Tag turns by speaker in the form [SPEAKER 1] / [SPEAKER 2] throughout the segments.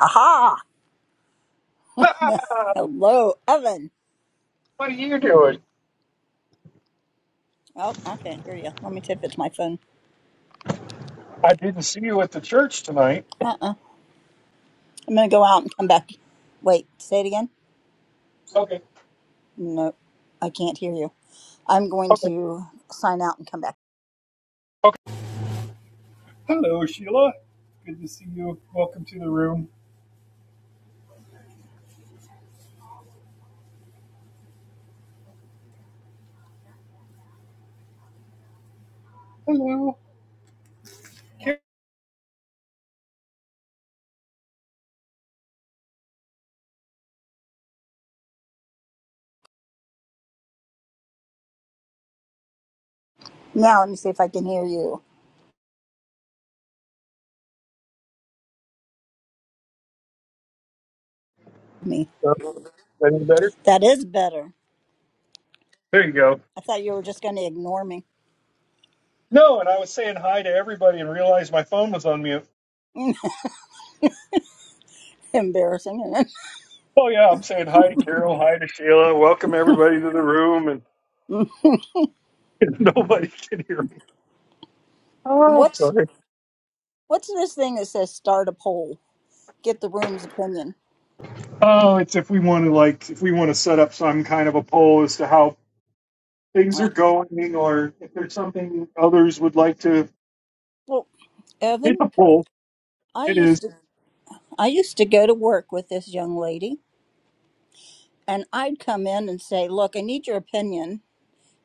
[SPEAKER 1] Aha!
[SPEAKER 2] what
[SPEAKER 1] Hello, oven.
[SPEAKER 2] are you doing?
[SPEAKER 1] Oh, I can't hear you. Let me see if it's my phone.
[SPEAKER 2] I didn't see you at the church tonight.
[SPEAKER 1] Uh uh I'm gonna go out and come back. Wait, say it again.
[SPEAKER 2] Okay,
[SPEAKER 1] No, I can't hear you. I'm going
[SPEAKER 2] okay,
[SPEAKER 1] to sign out and come back.
[SPEAKER 2] okay. Hello, Sheila. Good to see you. Welcome to the room. Hello. Karen.
[SPEAKER 1] Now let me see if I can hear you. Me.
[SPEAKER 2] Oh, is that Any better?
[SPEAKER 1] That is better.
[SPEAKER 2] There you go.
[SPEAKER 1] I thought you were just gonna ignore me.
[SPEAKER 2] No, and I was saying hi to everybody and realized my phone was on mute.
[SPEAKER 1] Embarrassing. isn't it?
[SPEAKER 2] Oh yeah, I'm saying hi to Carol, hi to Sheila. Welcome everybody to the room, and nobody can hear me. Oh, I'm
[SPEAKER 1] what's
[SPEAKER 2] sorry.
[SPEAKER 1] what's this thing that says start a poll? Get the room's opinion.
[SPEAKER 2] Oh, it's if we want to like if we want to set up some kind of a poll as to how things are going or if there's something others would like to.
[SPEAKER 1] Well,
[SPEAKER 2] It's
[SPEAKER 1] Evan,
[SPEAKER 2] a poll.
[SPEAKER 1] I
[SPEAKER 2] It
[SPEAKER 1] used
[SPEAKER 2] is.
[SPEAKER 1] to I used to go to work with this young lady And I'd come in and say, Look, I need your opinion.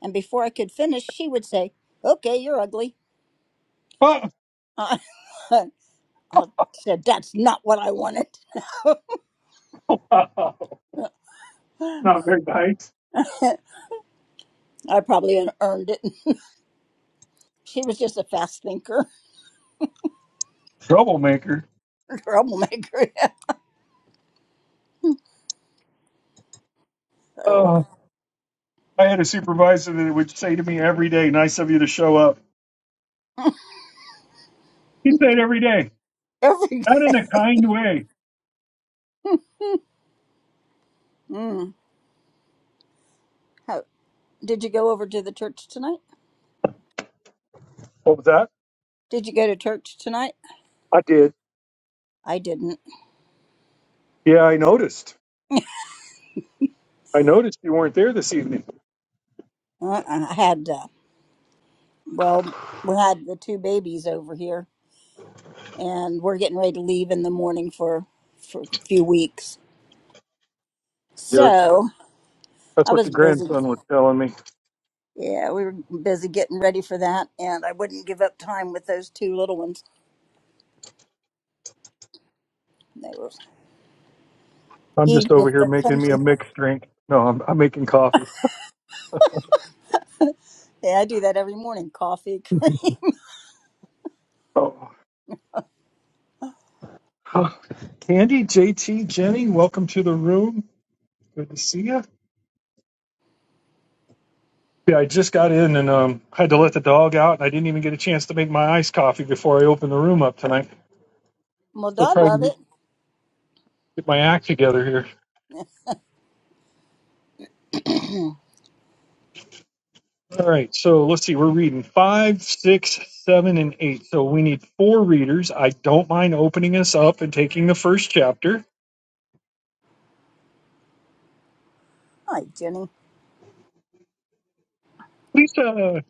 [SPEAKER 1] And before I could finish, she would say, Okay, you're ugly.
[SPEAKER 2] Not
[SPEAKER 1] I said, That's not what I wanted. I
[SPEAKER 2] very nice.
[SPEAKER 1] probably had earned it. She was just a fast thinker,
[SPEAKER 2] Troublemaker.
[SPEAKER 1] troublemaker. oh,
[SPEAKER 2] Uh, I had a supervisor that would say to me every day, nice of you to show up. He'd say it every day,
[SPEAKER 1] every.
[SPEAKER 2] not in a kind way.
[SPEAKER 1] Mm, how, did you go over to the church tonight?
[SPEAKER 2] What was that?
[SPEAKER 1] Did you go to church tonight?
[SPEAKER 2] I did.
[SPEAKER 1] I didn't.
[SPEAKER 2] Yeah, I noticed. I noticed you weren't there this evening.
[SPEAKER 1] Uh-uh. I had, uh, well, we had the two babies over here and we're getting ready to leave in the morning for for a few weeks.
[SPEAKER 2] Yeah,
[SPEAKER 1] So
[SPEAKER 2] that's
[SPEAKER 1] I
[SPEAKER 2] what
[SPEAKER 1] was
[SPEAKER 2] your
[SPEAKER 1] busy.
[SPEAKER 2] grandson was telling me.
[SPEAKER 1] Yeah, we were busy getting ready for that, and I wouldn't give up time with those two little ones. They were
[SPEAKER 2] I'm
[SPEAKER 1] even
[SPEAKER 2] just over
[SPEAKER 1] if
[SPEAKER 2] here
[SPEAKER 1] they're
[SPEAKER 2] making me
[SPEAKER 1] cranky.
[SPEAKER 2] a mixed drink. No, I'm, I'm making coffee.
[SPEAKER 1] Yeah, I do that every morning. Coffee, cream.
[SPEAKER 2] Oh. Oh, Candy, JT, Jenny, welcome to the room. Good to see you. Yeah, I just got in and um, had to let the dog out, and I didn't even get a chance to make my iced coffee before I opened the room up tonight.
[SPEAKER 1] Well,
[SPEAKER 2] Still
[SPEAKER 1] Dad
[SPEAKER 2] trying
[SPEAKER 1] love
[SPEAKER 2] to
[SPEAKER 1] it.
[SPEAKER 2] get my act together here. All right, so let's see. We're reading five, six, seven, and eight. So we need four readers. I don't mind opening us up and taking the first chapter.
[SPEAKER 1] Hi, Jenny.
[SPEAKER 2] Lisa,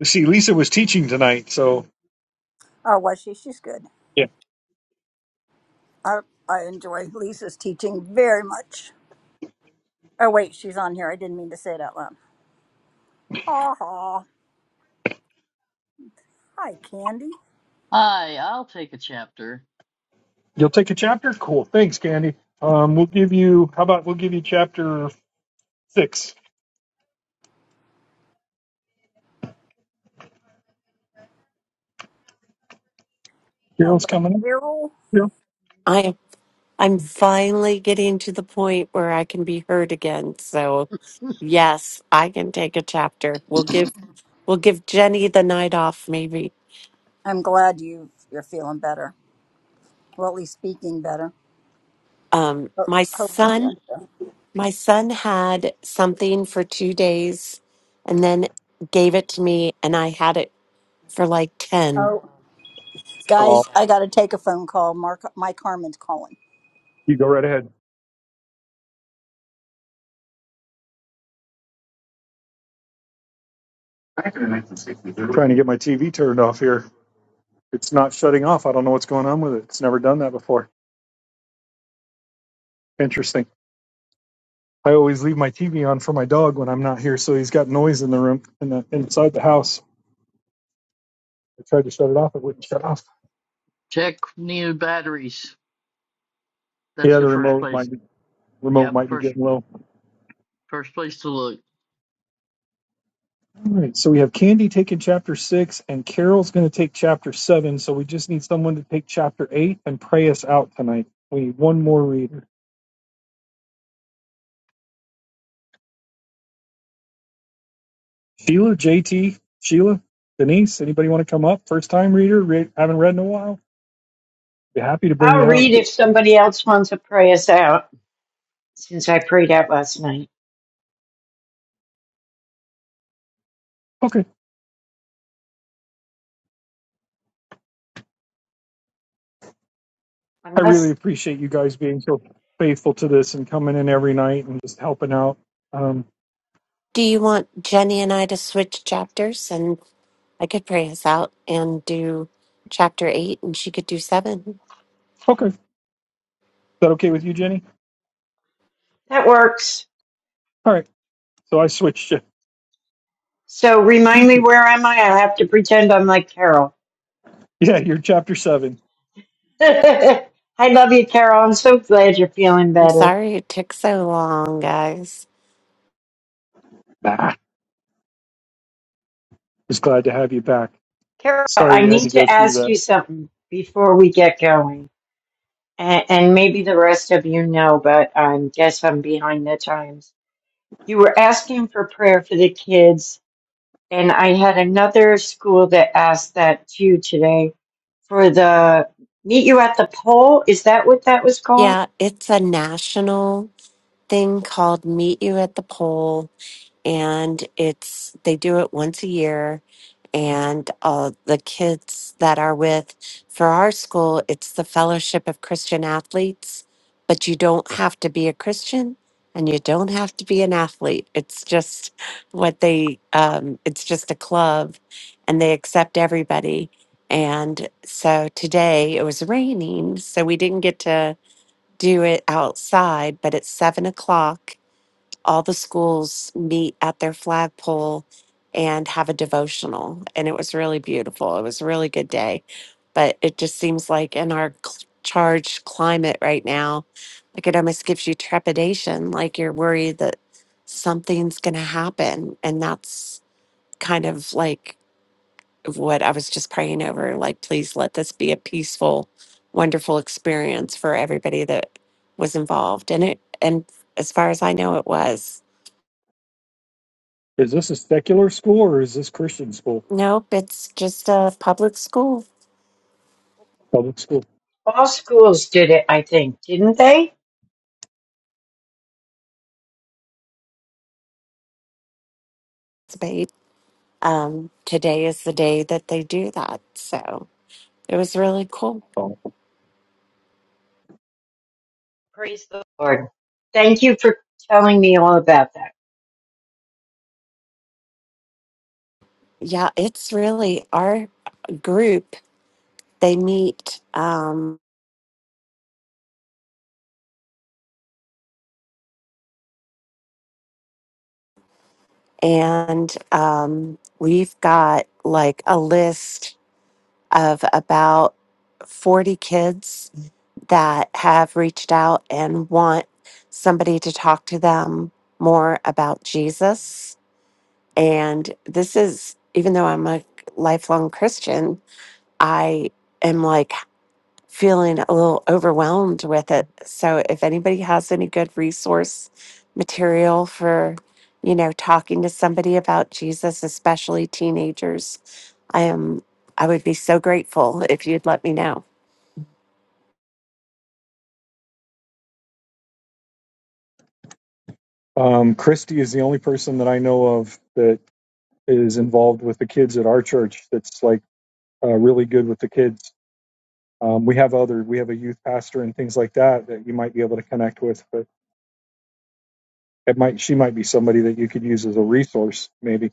[SPEAKER 2] let's see, Lisa was teaching tonight, so
[SPEAKER 1] Oh, was she? She's good.
[SPEAKER 2] yeah,
[SPEAKER 1] I I enjoy Lisa's teaching very much. Oh wait, she's on here. I didn't mean to say it out loud. Ha ha. Hi, Candy.
[SPEAKER 3] Hi, I'll take a chapter.
[SPEAKER 2] you'll take a chapter. Cool. Thanks, Candy. Um, we'll give you. How about we'll give you chapter Six.
[SPEAKER 1] Hello,
[SPEAKER 2] Cyril's coming in.
[SPEAKER 1] Carol.
[SPEAKER 2] Cyril?
[SPEAKER 4] I I'm finally getting to the point where I can be heard again. So yes, I can take a chapter. We'll give we'll give Jenny the night off maybe.
[SPEAKER 1] I'm glad you you're feeling better. Well, at least speaking better.
[SPEAKER 4] Um
[SPEAKER 1] Ho-
[SPEAKER 4] my
[SPEAKER 1] Hope you're
[SPEAKER 4] son
[SPEAKER 1] feeling better.
[SPEAKER 4] my son had something for 2 days and then gave it to me and I had it for like 10.
[SPEAKER 1] Oh, guys,
[SPEAKER 2] Oh,
[SPEAKER 1] I got to take a phone call. Mark, Mike Harmon's calling.
[SPEAKER 2] you go right ahead. I'm Trying to get my TV turned off here. It's not shutting off. I don't know what's going on with it. It's never done that before. Interesting. I always leave my TV on for my dog when I'm not here, so he's got noise in the room in the, inside the house. I tried to shut it off. It wouldn't shut off.
[SPEAKER 3] Check new batteries. That's
[SPEAKER 2] Yeah,
[SPEAKER 3] the
[SPEAKER 2] the
[SPEAKER 3] first
[SPEAKER 2] remote
[SPEAKER 3] place.
[SPEAKER 2] might be, remote
[SPEAKER 3] Yep,
[SPEAKER 2] might be
[SPEAKER 3] first
[SPEAKER 2] getting low.
[SPEAKER 3] first place to look.
[SPEAKER 2] All right, so we have Candy taking chapter six, and Carol's going to take chapter seven. So we just need someone to take chapter eight and pray us out tonight. We need one more reader. Sheila, JT, Sheila, Denise, anybody want to come up? First time reader, re- haven't read in a while. Be happy to bring
[SPEAKER 5] I'll
[SPEAKER 2] you up.
[SPEAKER 5] read if somebody else wants to pray us out since I prayed out last night.
[SPEAKER 2] Okay. I really
[SPEAKER 5] Unless
[SPEAKER 2] appreciate you guys being so faithful to this and coming in every night and just helping out. Um,
[SPEAKER 4] Do you want Jenny and I to switch chapters and I could pray us out and do chapter 8 and she could do 7.
[SPEAKER 2] okay. Is that okay with you, Jenny?
[SPEAKER 5] that works.
[SPEAKER 2] All right. So I switched you.
[SPEAKER 5] So remind
[SPEAKER 2] Thank
[SPEAKER 5] me
[SPEAKER 2] you.
[SPEAKER 5] where am I? I have to pretend I'm like Carol.
[SPEAKER 2] Yeah, you're chapter seven.
[SPEAKER 5] I love you, Carol. I'm so glad you're feeling
[SPEAKER 4] I'm
[SPEAKER 5] better.
[SPEAKER 4] sorry it took so long, guys.
[SPEAKER 2] Bah, just glad to have you back.
[SPEAKER 5] Carol, I
[SPEAKER 2] Sorry you had to
[SPEAKER 5] need
[SPEAKER 2] go
[SPEAKER 5] to
[SPEAKER 2] through
[SPEAKER 5] ask
[SPEAKER 2] that.
[SPEAKER 5] you something before we get going. And, and maybe the rest of you know, but I guess I'm behind the times. You were asking for prayer for the kids And I had another school that asked that too today for the meet you at the pole. Is that what that was called?
[SPEAKER 4] Yeah, it's a national thing called Meet You at the Pole, and it's they do it once a year. And uh, the kids that are with for our school, it's the Fellowship of Christian Athletes. But you don't have to be a Christian, and you don't have to be an athlete. It's just what they. Um, it's just a club, and they accept everybody. And so today it was raining, so we didn't get to do it outside, but at seven o'clock, all the schools meet at their flagpole and have a devotional. And it was really beautiful. It was a really good day. But it just seems like in our cl- charged climate right now, like it almost gives you trepidation, like you're worried that something's going to happen. And that's kind of like of what I was just praying over. Like, please let this be a peaceful, wonderful experience for everybody that was involved And it. And as far as I know, it was.
[SPEAKER 2] Is this a secular school or is this Christian school?
[SPEAKER 4] Nope, it's just a public school
[SPEAKER 2] Public school.
[SPEAKER 5] All schools did it, I think, didn't they?
[SPEAKER 4] debate. Um, today is the day that they do that. So it was really cool.
[SPEAKER 2] Oh.
[SPEAKER 5] Praise the Lord. Thank you for telling me all about that.
[SPEAKER 4] Yeah, it's really our group. They meet um, and um, we've got like a list of about 40 kids that have reached out and want somebody to talk to them more about Jesus. And this is, even though I'm a lifelong Christian, I am like, feeling a little overwhelmed with it. So if anybody has any good resource material for, you know, talking to somebody about Jesus, especially teenagers, I am I would be so grateful if you'd let me know.
[SPEAKER 2] Um, Christy is the only person that I know of that is involved with the kids at our church that's like uh, really good with the kids. Um, we have other, we have a youth pastor and things like that that you might be able to connect with, but it might, she might be somebody that you could use as a resource, maybe.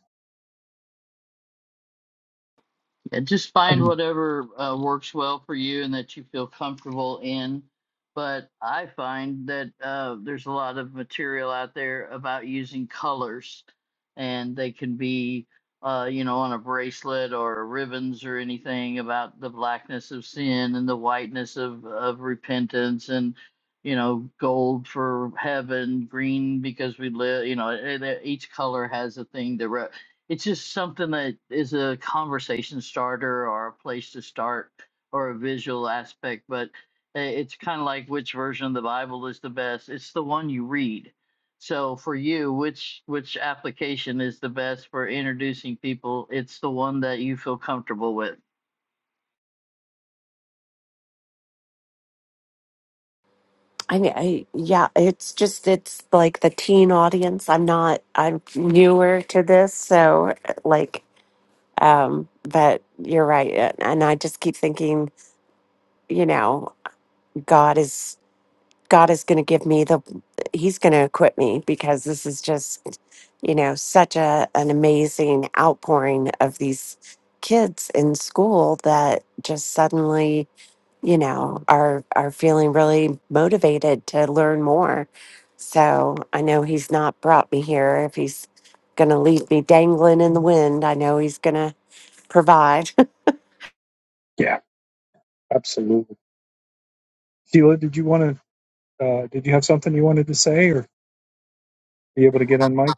[SPEAKER 3] Yeah, just find
[SPEAKER 2] Um,
[SPEAKER 3] whatever uh, works well for you and that you feel comfortable in. But I find that uh, there's a lot of material out there about using colors, and they can be, uh, you know, on a bracelet or ribbons or anything about the blackness of sin and the whiteness of, of repentance and, you know, gold for heaven, green because we live, you know, e- e- each color has a thing that re- it's just something that is a conversation starter or a place to start or a visual aspect but i- it's kind of like which version of the bible is the best it's the one you read so for you which which application is the best for introducing people it's the one that you feel comfortable with
[SPEAKER 4] I mean, I, yeah, it's just it's like the teen audience. I'm not I'm newer to this, so like um but you're right and I just keep thinking, you know, God is God is going to give me the, He's going to equip me because this is just, you know, such a an amazing outpouring of these kids in school that just suddenly, you know, are are feeling really motivated to learn more. So I know He's not brought me here if He's going to leave me dangling in the wind. I know He's going to provide.
[SPEAKER 2] yeah, absolutely. Sheila, did you want to, uh, did you have something you wanted to say or be able to get on mic?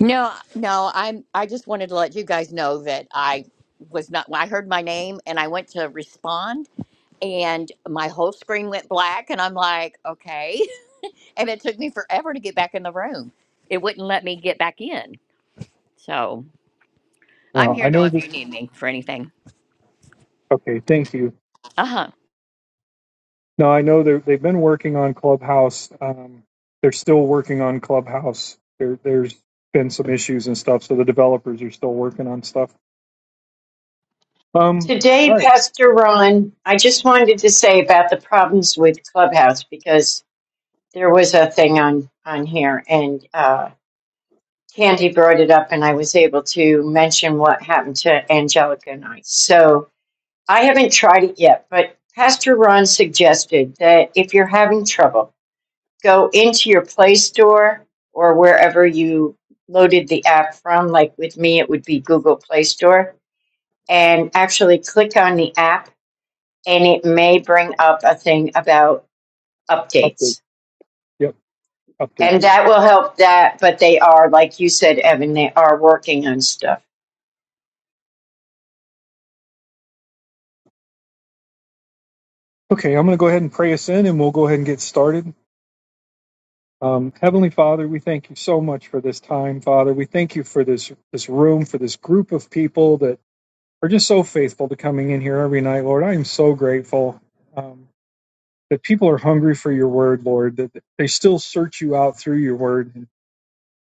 [SPEAKER 6] No, no, I'm I just wanted to let you guys know that I was not I heard my name and I went to respond and my whole screen went black and I'm like, okay. And it took me forever to get back in the room. It wouldn't let me get back in. So I'm
[SPEAKER 2] No, I
[SPEAKER 6] here though
[SPEAKER 2] know
[SPEAKER 6] if
[SPEAKER 2] that.
[SPEAKER 6] you need me for anything.
[SPEAKER 2] Okay, thank you.
[SPEAKER 6] uh huh.
[SPEAKER 2] No, I know they're- they've been working on Clubhouse. Um, they're still working on Clubhouse. There, there's been some issues and stuff, so the developers are still working on stuff Um,
[SPEAKER 5] Today,
[SPEAKER 2] all right,
[SPEAKER 5] Pastor Ron, I just wanted to say about the problems with Clubhouse because there was a thing on, on here and uh, Candy brought it up and I was able to mention what happened to Angelica and I. So, I haven't tried it yet, but Pastor Ron suggested that if you're having trouble, go into your Play Store or wherever you loaded the app from. Like with me, it would be Google Play Store, and actually click on the app, and it may bring up a thing about
[SPEAKER 2] update.
[SPEAKER 5] updates.
[SPEAKER 2] Yep, Update.
[SPEAKER 5] And that will help that, but they are, like you said, Evan, they are working on stuff.
[SPEAKER 2] Okay, I'm going to go ahead and pray us in and we'll go ahead and get started. Um, Heavenly Father, we thank you so much for this time, Father. We thank you for this this room, for this group of people that are just so faithful to coming in here every night, Lord. I am so grateful um, that people are hungry for your word, Lord, that they still search you out through your word.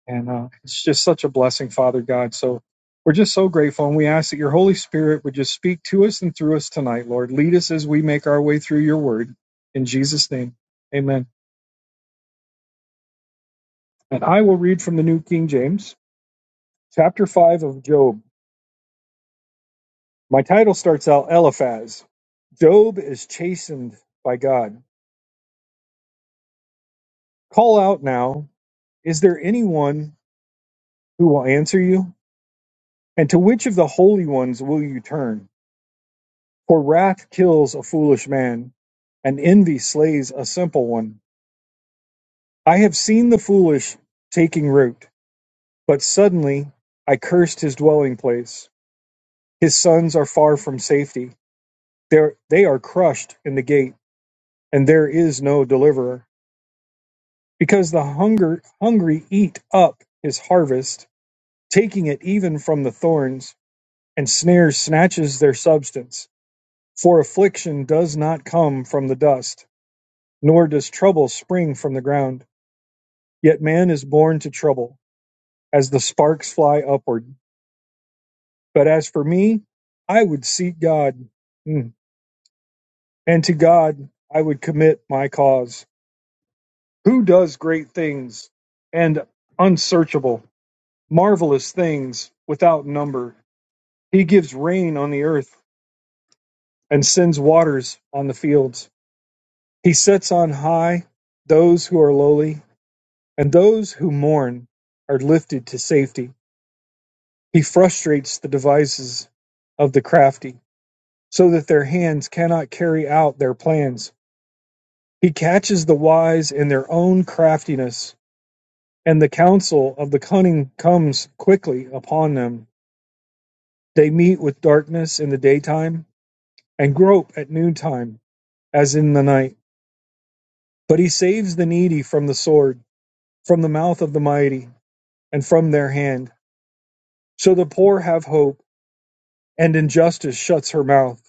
[SPEAKER 2] And uh, it's just such a blessing, Father God. So we're just so grateful. And we ask that your Holy Spirit would just speak to us and through us tonight, Lord. Lead us as we make our way through your word. In Jesus' name, amen. And I will read from the New King James, chapter 5 of Job. My title starts out Eliphaz. Job is chastened by God. Call out now. Is there anyone who will answer you? And to which of the holy ones will you turn? For wrath kills a foolish man, and envy slays a simple one. I have seen the foolish taking root, but suddenly I cursed his dwelling place. His sons are far from safety. They're, they are crushed in the gate, and there is no deliverer. Because the hunger, hungry eat up his harvest, taking it even from the thorns, and snare snatches their substance. For affliction does not come from the dust, nor does trouble spring from the ground. Yet man is born to trouble, as the sparks fly upward. But as for me, I would seek God, Mm. and to God I would commit my cause. Who does great things and unsearchable, marvelous things without number? He gives rain on the earth and sends waters on the fields. He sets on high those who are lowly, and those who mourn are lifted to safety. He frustrates the devices of the crafty so that their hands cannot carry out their plans. He catches the wise in their own craftiness, and the counsel of the cunning comes quickly upon them. They meet with darkness in the daytime, and grope at noontime, as in the night. But he saves the needy from the sword, from the mouth of the mighty, and from their hand. So the poor have hope, and injustice shuts her mouth.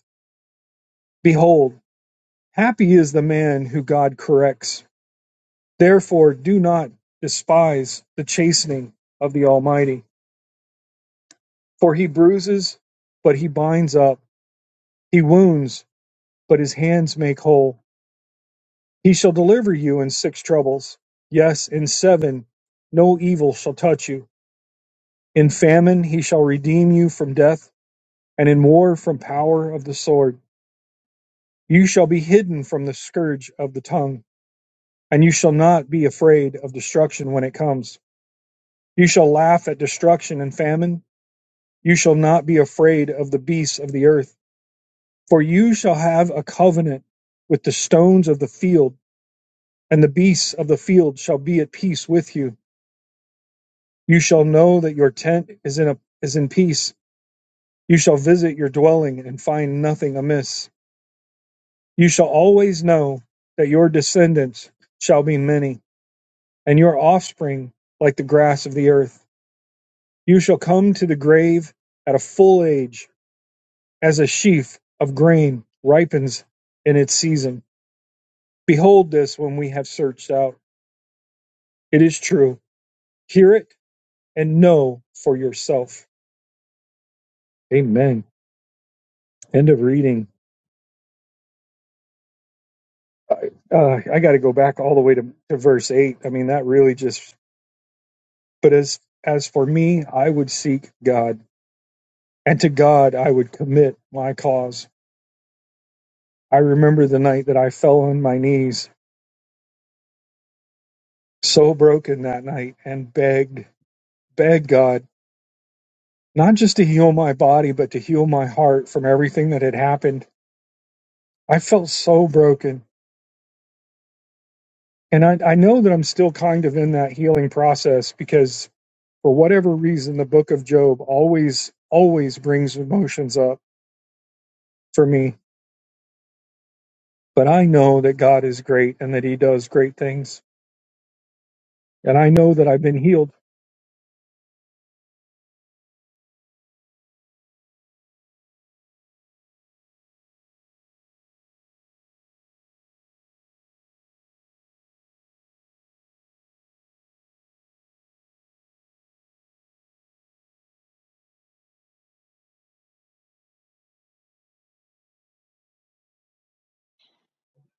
[SPEAKER 2] Behold, happy is the man who God corrects Therefore, do not despise the chastening of the Almighty, for he bruises, but he binds up. He wounds, but his hands make whole. He shall deliver you in six troubles. Yes, in seven, no evil shall touch you. In famine, he shall redeem you from death, and in war, from power of the sword. You shall be hidden from the scourge of the tongue, and you shall not be afraid of destruction when it comes. You shall laugh at destruction and famine You shall not be afraid of the beasts of the earth, for you shall have a covenant with the stones of the field, and the beasts of the field shall be at peace with you. You shall know that your tent is in a, is in peace. You shall visit your dwelling and find nothing amiss. You shall always know that your descendants shall be many, and your offspring like the grass of the earth. You shall come to the grave at a full age, as a sheaf of grain ripens in its season Behold this when we have searched out. It is true. Hear it and know for yourself. Amen. End of reading. Uh, I got to go back all the way to, to verse 8. I mean, that really just, but as, as for me, I would seek God, and to God I would commit my cause. I remember the night that I fell on my knees, so broken that night, and begged, begged God, not just to heal my body, but to heal my heart from everything that had happened. I felt so broken And I, I know that I'm still kind of in that healing process because for whatever reason, the book of Job always, always brings emotions up for me. But I know that God is great and that he does great things. And I know that I've been healed.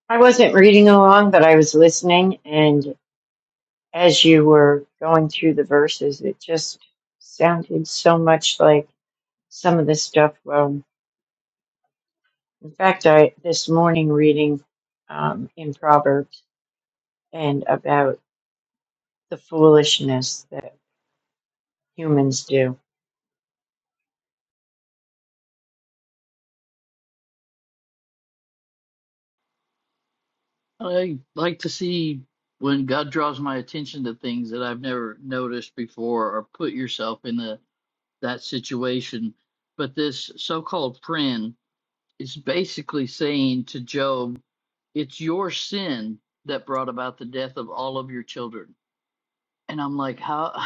[SPEAKER 5] I wasn't reading along, but I was listening, and as you were going through the verses, it just sounded so much like some of the stuff. Well, in fact, I this morning reading um, in Proverbs and about the foolishness that humans do.
[SPEAKER 3] i like to see when god draws my attention to things that i've never noticed before or put yourself in the that situation but this so-called friend is basically saying to Job, It's your sin that brought about the death of all of your children. And I'm like, How?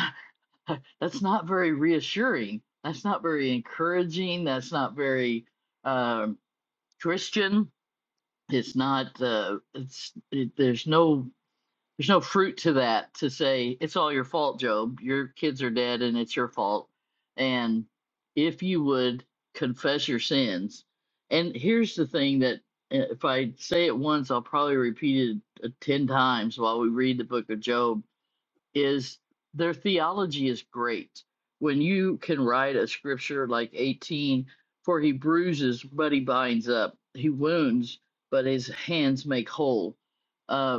[SPEAKER 3] That's not very reassuring. That's not very encouraging. That's not very um, Christian. It's not, uh, it's, it, there's no there's no fruit to that to say it's all your fault, Job. Your kids are dead and it's your fault. And if you would confess your sins, and here's the thing that uh, if I say it once, I'll probably repeat it uh, 10 times while we read the book of Job is their theology is great. When you can write a scripture like 18, for he bruises, but he binds up, he wounds, but his hands make whole Uh,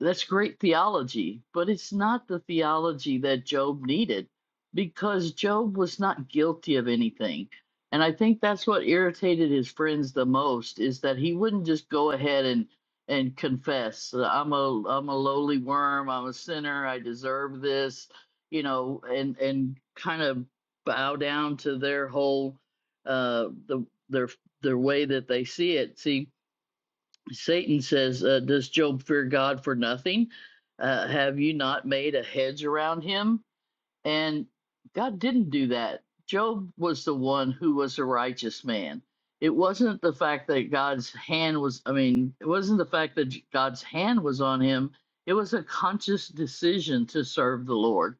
[SPEAKER 3] that's great theology, but it's not the theology that Job needed because Job was not guilty of anything. And I think that's what irritated his friends the most is that he wouldn't just go ahead and and confess, I'm a I'm a lowly worm, I'm a sinner, I deserve this, you know, and and kind of bow down to their whole uh the their their way that they see it. See, Satan says, uh, Does Job fear God for nothing? Uh, have you not made a hedge around him and God didn't do that. Job was the one who was a righteous man. It wasn't the fact that God's hand was, I mean, it wasn't the fact that God's hand was on him. It was a conscious decision to serve the Lord.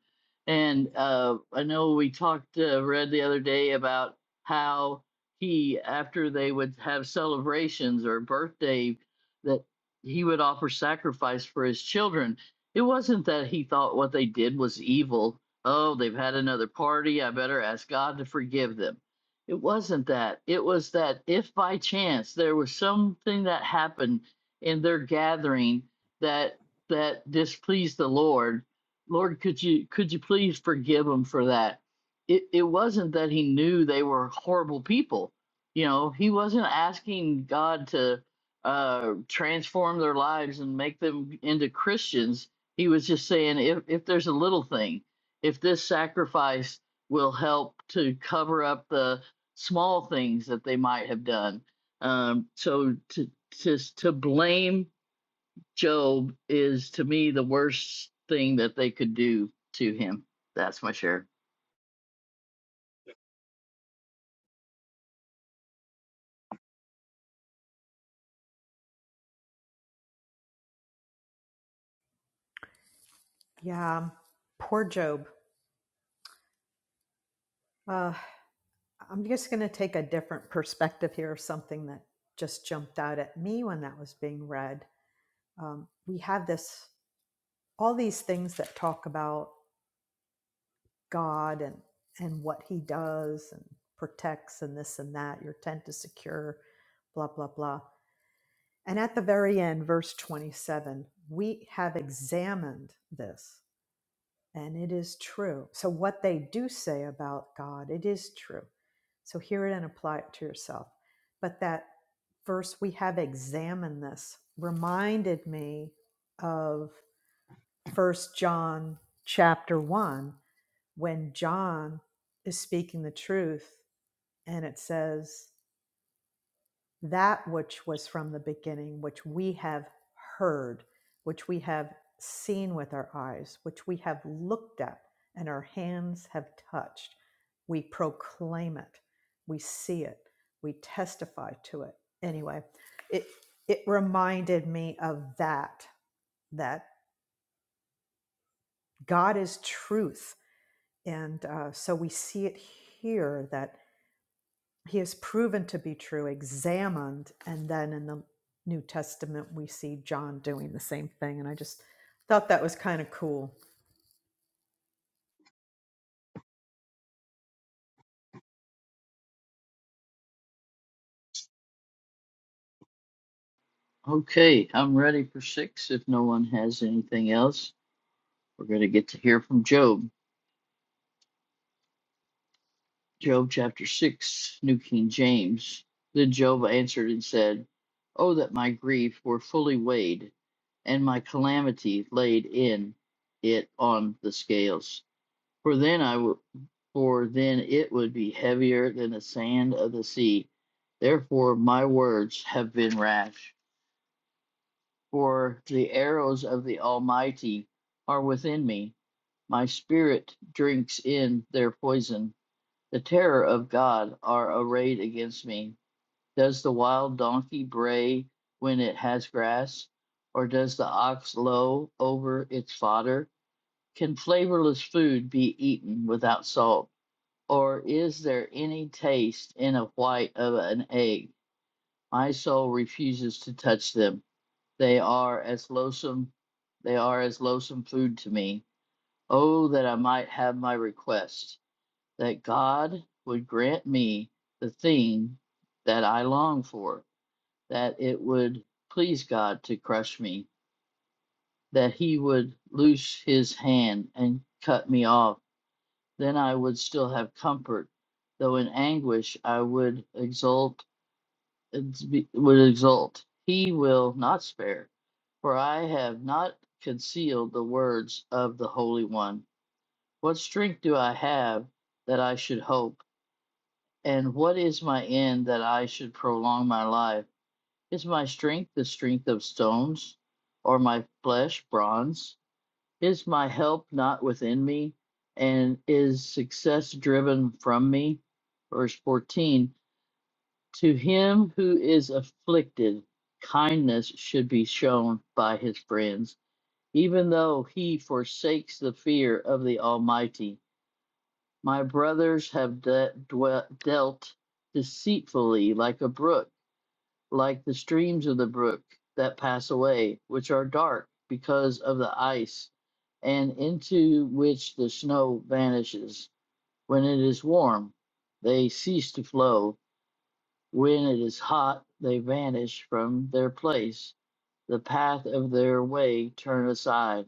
[SPEAKER 3] And uh, I know we talked, uh, read the other day about how he, after they would have celebrations or birthday, that he would offer sacrifice for his children. It wasn't that he thought what they did was evil Oh, they've had another party. I better ask God to forgive them. It wasn't that. It was that if by chance there was something that happened in their gathering that that displeased the Lord, Lord, could you could you please forgive them for that? It it wasn't that he knew they were horrible people. You know, he wasn't asking God to uh transform their lives and make them into Christians. He was just saying if if there's a little thing if this sacrifice will help to cover up the small things that they might have done. Um, so to, to to blame Job is to me the worst thing that they could do to him. That's my share.
[SPEAKER 7] Yeah, poor Job. Uh, I'm just going to take a different perspective here of something that just jumped out at me when that was being read. Um, we have this, all these things that talk about God and and what He does and protects and this and that. Your tent is secure, blah blah blah. And at the very end, verse 27, we have examined this. And it is true. So, what they do say about God, it is true. So, hear it and apply it to yourself. But that verse, we have examined this, reminded me of First John chapter 1, when John is speaking the truth and it says, that which was from the beginning, which we have heard, which we have seen with our eyes, which we have looked at and our hands have touched. We proclaim it, we see it, we testify to it. Anyway, it, it reminded me of that, that God is truth. And uh, so we see it here that he is proven to be true, examined, and then in the New Testament we see John doing the same thing. And I just thought that was kind of cool.
[SPEAKER 3] Okay, I'm ready for six. If no one has anything else, we're going to get to hear from Job. Job chapter 6, New King James. Then Job answered and said, Oh, that my grief were fully weighed, and my calamity laid in it on the scales. For then I would, for then it would be heavier than the sand of the sea. Therefore my words have been rash. For the arrows of the Almighty are within me. My spirit drinks in their poison the terror of God are arrayed against me. Does the wild donkey bray when it has grass? Or does the ox low over its fodder? Can flavorless food be eaten without salt? Or is there any taste in a white of an egg? My soul refuses to touch them. They are as loathsome they are as loathsome food to me. Oh that I might have my request that God would grant me the thing that I long for, that it would please God to crush me, that he would loose his hand and cut me off. Then I would still have comfort, though in anguish I would exult would exult. He will not spare, for I have not concealed the words of the Holy One. What strength do I have that I should hope? And what is my end that I should prolong my life? Is my strength the strength of stones, or my flesh bronze? Is my help not within me, and is success driven from me? Verse 14 To him who is afflicted, kindness should be shown by his friends, even though he forsakes the fear of the Almighty. My brothers have de- dwe- dealt deceitfully like a brook, like the streams of the brook that pass away, which are dark because of the ice, and into which the snow vanishes. When it is warm, they cease to flow. When it is hot, they vanish from their place. The path of their way turn aside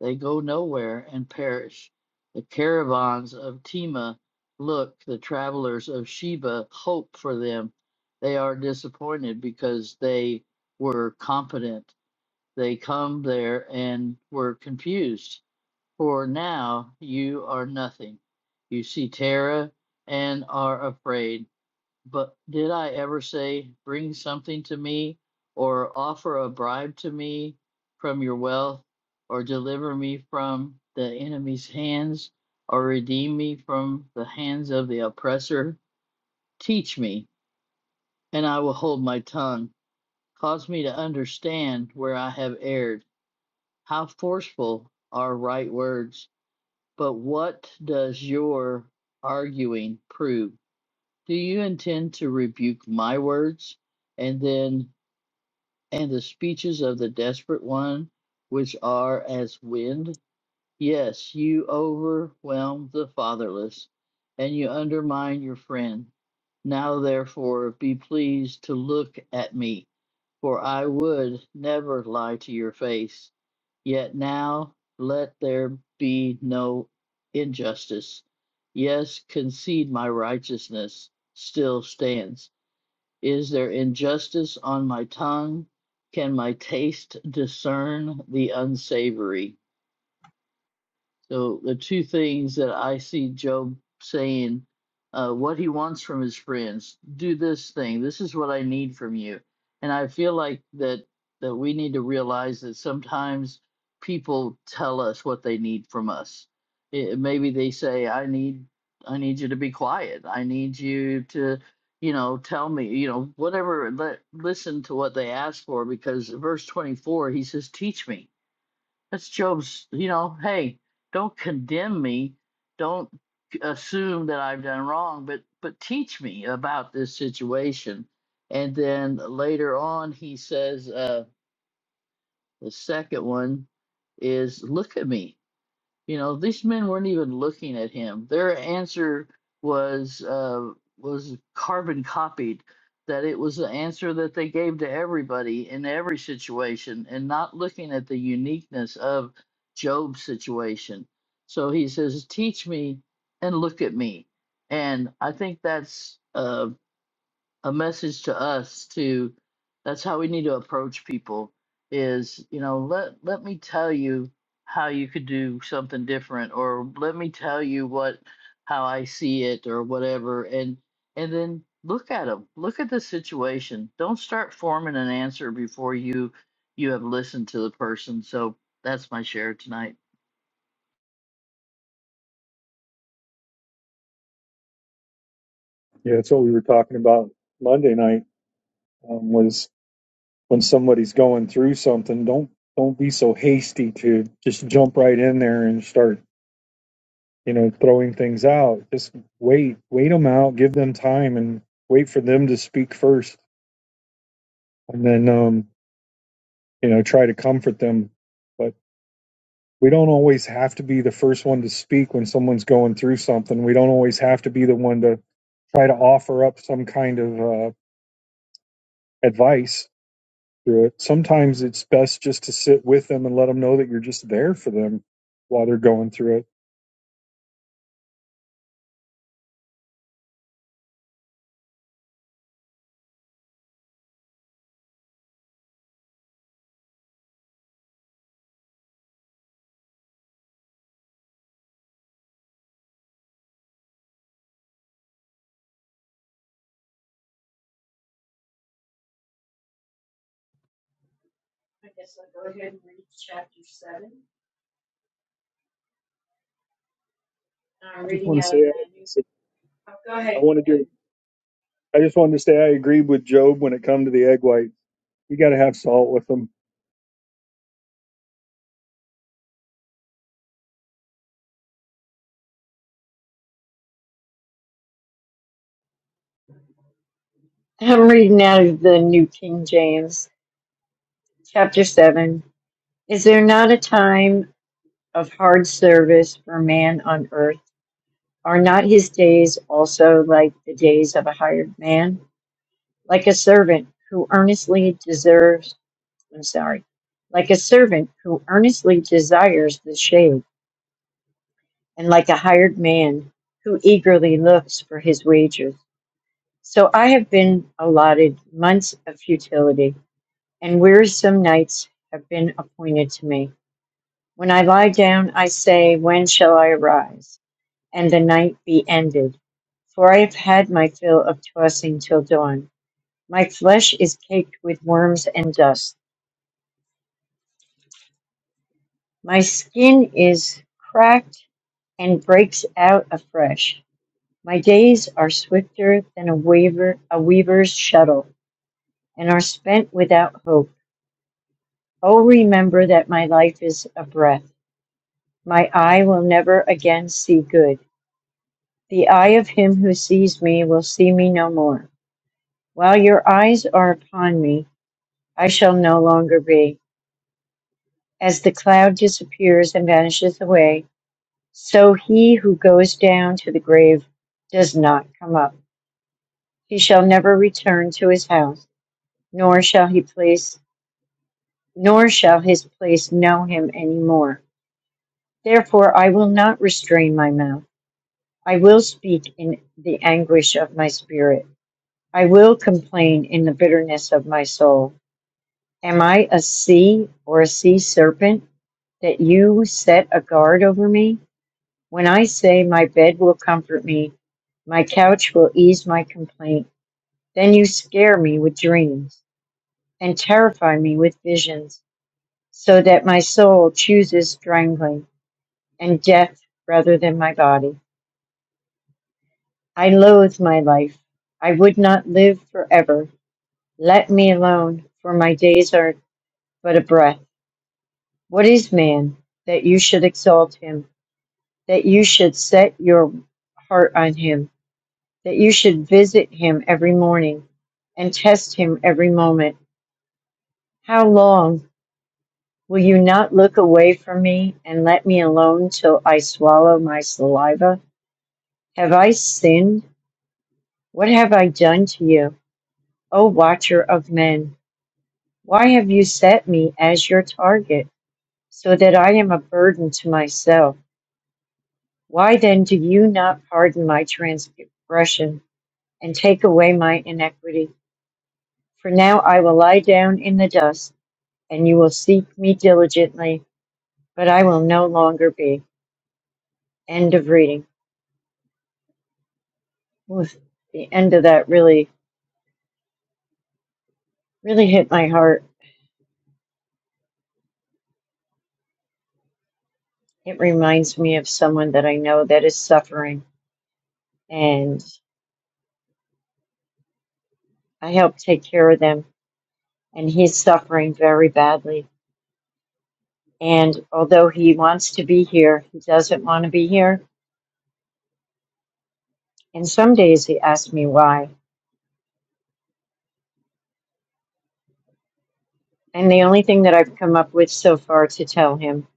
[SPEAKER 3] they go nowhere and perish. The caravans of Tema look, the travelers of Sheba hope for them. They are disappointed because they were confident. They come there and were confused. For now you are nothing. You see terror and are afraid. But did I ever say, Bring something to me, or offer a bribe to me from your wealth, or deliver me from the enemy's hands, or redeem me from the hands of the oppressor? Teach me, and I will hold my tongue. Cause me to understand where I have erred. How forceful are right words! But what does your arguing prove? Do you intend to rebuke my words? and then and the speeches of the desperate one, which are as wind. Yes, you overwhelm the fatherless, and you undermine your friend. Now, therefore, be pleased to look at me, for I would never lie to your face. Yet now let there be no injustice. Yes, concede my righteousness still stands is there injustice on my tongue? Can my taste discern the unsavory? So the two things that I see Job saying, uh, what he wants from his friends, do this thing. This is what I need from you. And I feel like that that we need to realize that sometimes people tell us what they need from us. It, maybe they say, I need I need you to be quiet. I need you to, you know, tell me, you know, whatever. Let, listen to what they ask for because verse 24, he says, teach me that's Job's, you know, hey, don't condemn me. Don't assume that I've done wrong, but but teach me about this situation. And then later on he says uh the second one is look at me. You know, these men weren't even looking at him. Their answer was uh, was carbon copied. That it was the answer that they gave to everybody in every situation, and not looking at the uniqueness of Job's situation. So he says, "Teach me and look at me," and I think that's. Uh, a message to us to that's how we need to approach people is you know let let me tell you how you could do something different or let me tell you what how i see it or whatever and and then look at them look at the situation don't start forming an answer before you you have listened to the person so that's my share tonight
[SPEAKER 2] Yeah, that's what we were talking about Monday night um, was when somebody's going through something, don't, don't be so hasty to just jump right in there and start, you know, throwing things out. Just wait, wait them out, give them time and wait for them to speak first and then um, you know try to comfort them but we don't always have to be the first one to speak when someone's going through something we don't always have to be the one to try to offer up some kind of uh, advice through it sometimes it's best just to sit with them and let them know that you're just there for them while they're going through it
[SPEAKER 5] I guess I'll go ahead and read chapter seven. I'm
[SPEAKER 2] i just want
[SPEAKER 5] reading
[SPEAKER 2] to
[SPEAKER 5] out
[SPEAKER 2] say
[SPEAKER 5] of the news.
[SPEAKER 2] i,
[SPEAKER 5] Oh, go
[SPEAKER 2] I
[SPEAKER 5] ahead.
[SPEAKER 2] want to do
[SPEAKER 5] and-
[SPEAKER 2] i just wanted to say i agreed with job when it come to the egg white you got to have salt with them
[SPEAKER 5] I'm reading out of the New King James, chapter seven. Is there not a time of hard service for man on earth? Are not his days also like the days of a hired man? Like a servant who earnestly deserves, I'm sorry, like a servant who earnestly desires the shade, and like a hired man who eagerly looks for his wages. So I have been allotted months of futility, and wearisome nights have been appointed to me. When I lie down, I say, When shall I arise? and the night be ended. For I have had my fill of tossing till dawn. My flesh is caked with worms and dust. My skin is cracked and breaks out afresh. My days are swifter than a, waver, a weaver's shuttle, and are spent without hope. Oh, remember that my life is a breath. My eye will never again see good. The eye of him who sees me will see me no more. While your eyes are upon me, I shall no longer be. As the cloud disappears and vanishes away, so he who goes down to the grave does not come up. He shall never return to his house, nor shall he place nor shall his place know him any more. Therefore I will not restrain my mouth. I will speak in the anguish of my spirit. I will complain in the bitterness of my soul. Am I a sea or a sea serpent that you set a guard over me? When I say, My bed will comfort me, my couch will ease my complaint, then you scare me with dreams and terrify me with visions, so that my soul chooses strangling and death rather than my body. I loathe my life. I would not live forever. Let me alone, for my days are but a breath. What is man that you should exalt him, that you should set your heart on him? that you should visit him every morning and test him every moment. How long will you not look away from me and let me alone till I swallow my saliva? Have I sinned? What have I done to you, O watcher of men? Why have you set me as your target so that I am a burden to myself? Why then do you not pardon my transgression and take away my iniquity? For now I will lie down in the dust. and you will seek me diligently, but I will no longer be. End of reading. Oof, the end of that really, really hit my heart. It reminds me of someone that I know that is suffering, and I help take care of them, and he's suffering very badly. And although he wants to be here, he doesn't want to be here. And some days he asks me why. And the only thing that I've come up with so far to tell him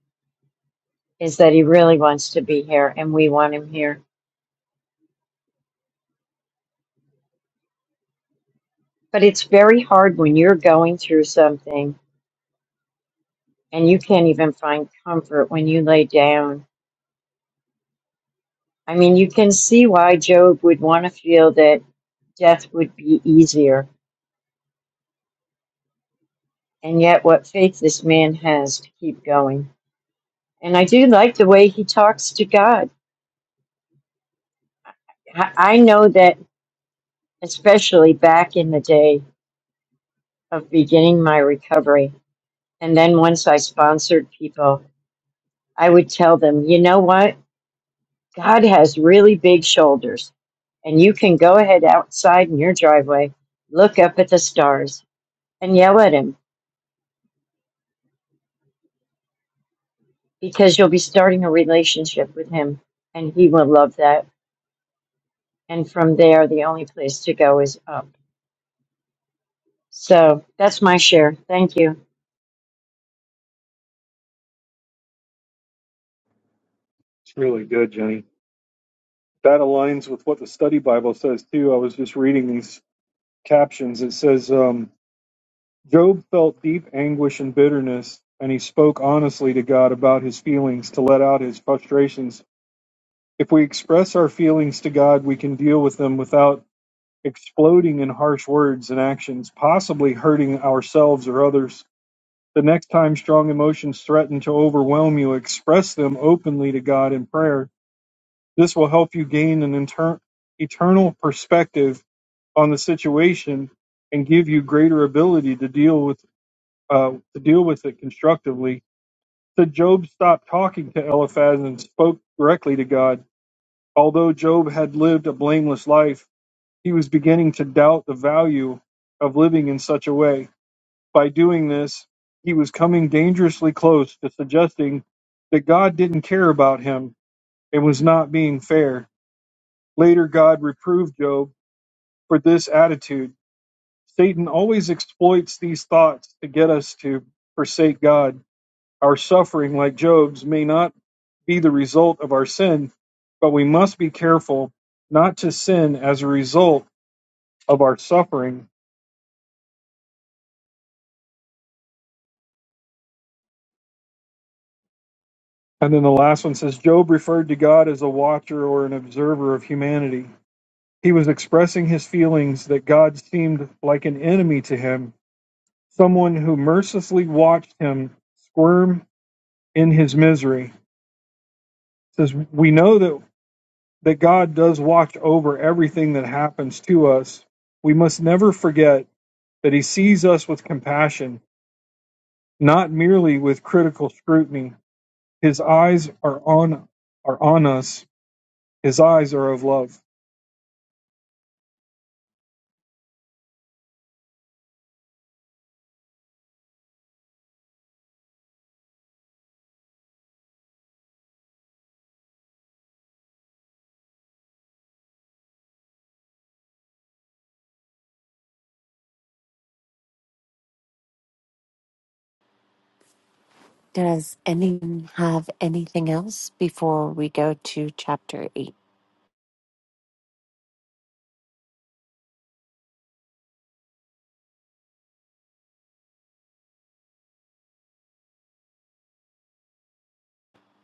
[SPEAKER 5] is that he really wants to be here and we want him here But it's very hard when you're going through something and you can't even find comfort when you lay down. I mean, you can see why Job would want to feel that death would be easier, and yet what faith this man has to keep going. And I do like the way he talks to God. I I know that, especially back in the day of beginning my recovery, and then once I sponsored people, I would tell them, you know what? God has really big shoulders, and you can go ahead outside in your driveway, look up at the stars, and yell at him because you'll be starting a relationship with him, and he will love that. And from there, the only place to go is up. So that's my share. Thank you.
[SPEAKER 2] it's really good jenny that aligns with what the study bible says too i was just reading these captions, it says, um, Job felt deep anguish and bitterness, and he spoke honestly to God about his feelings to let out his frustrations. If we express our feelings to God, we can deal with them without exploding in harsh words and actions, possibly hurting ourselves or others. The next time strong emotions threaten to overwhelm you, express them openly to God in prayer. This will help you gain an inter- eternal perspective on the situation and give you greater ability to deal with uh, to deal with it constructively. So Job stopped talking to Eliphaz and spoke directly to God. Although Job had lived a blameless life, he was beginning to doubt the value of living in such a way. By doing this, he was coming dangerously close to suggesting that God didn't care about him and was not being fair. Later, God reproved Job for this attitude. Satan always exploits these thoughts to get us to forsake God Our suffering, like Job's, may not be the result of our sin, but we must be careful not to sin as a result of our suffering. And then the last one says Job referred to God as a watcher or an observer of humanity. He was expressing his feelings that God seemed like an enemy to him, someone who mercilessly watched him squirm in his misery. It says we know that that God does watch over everything that happens to us. We must never forget that he sees us with compassion, not merely with critical scrutiny. His eyes are on are on us. His eyes are of love.
[SPEAKER 4] Does anyone have anything else before we go to chapter eight?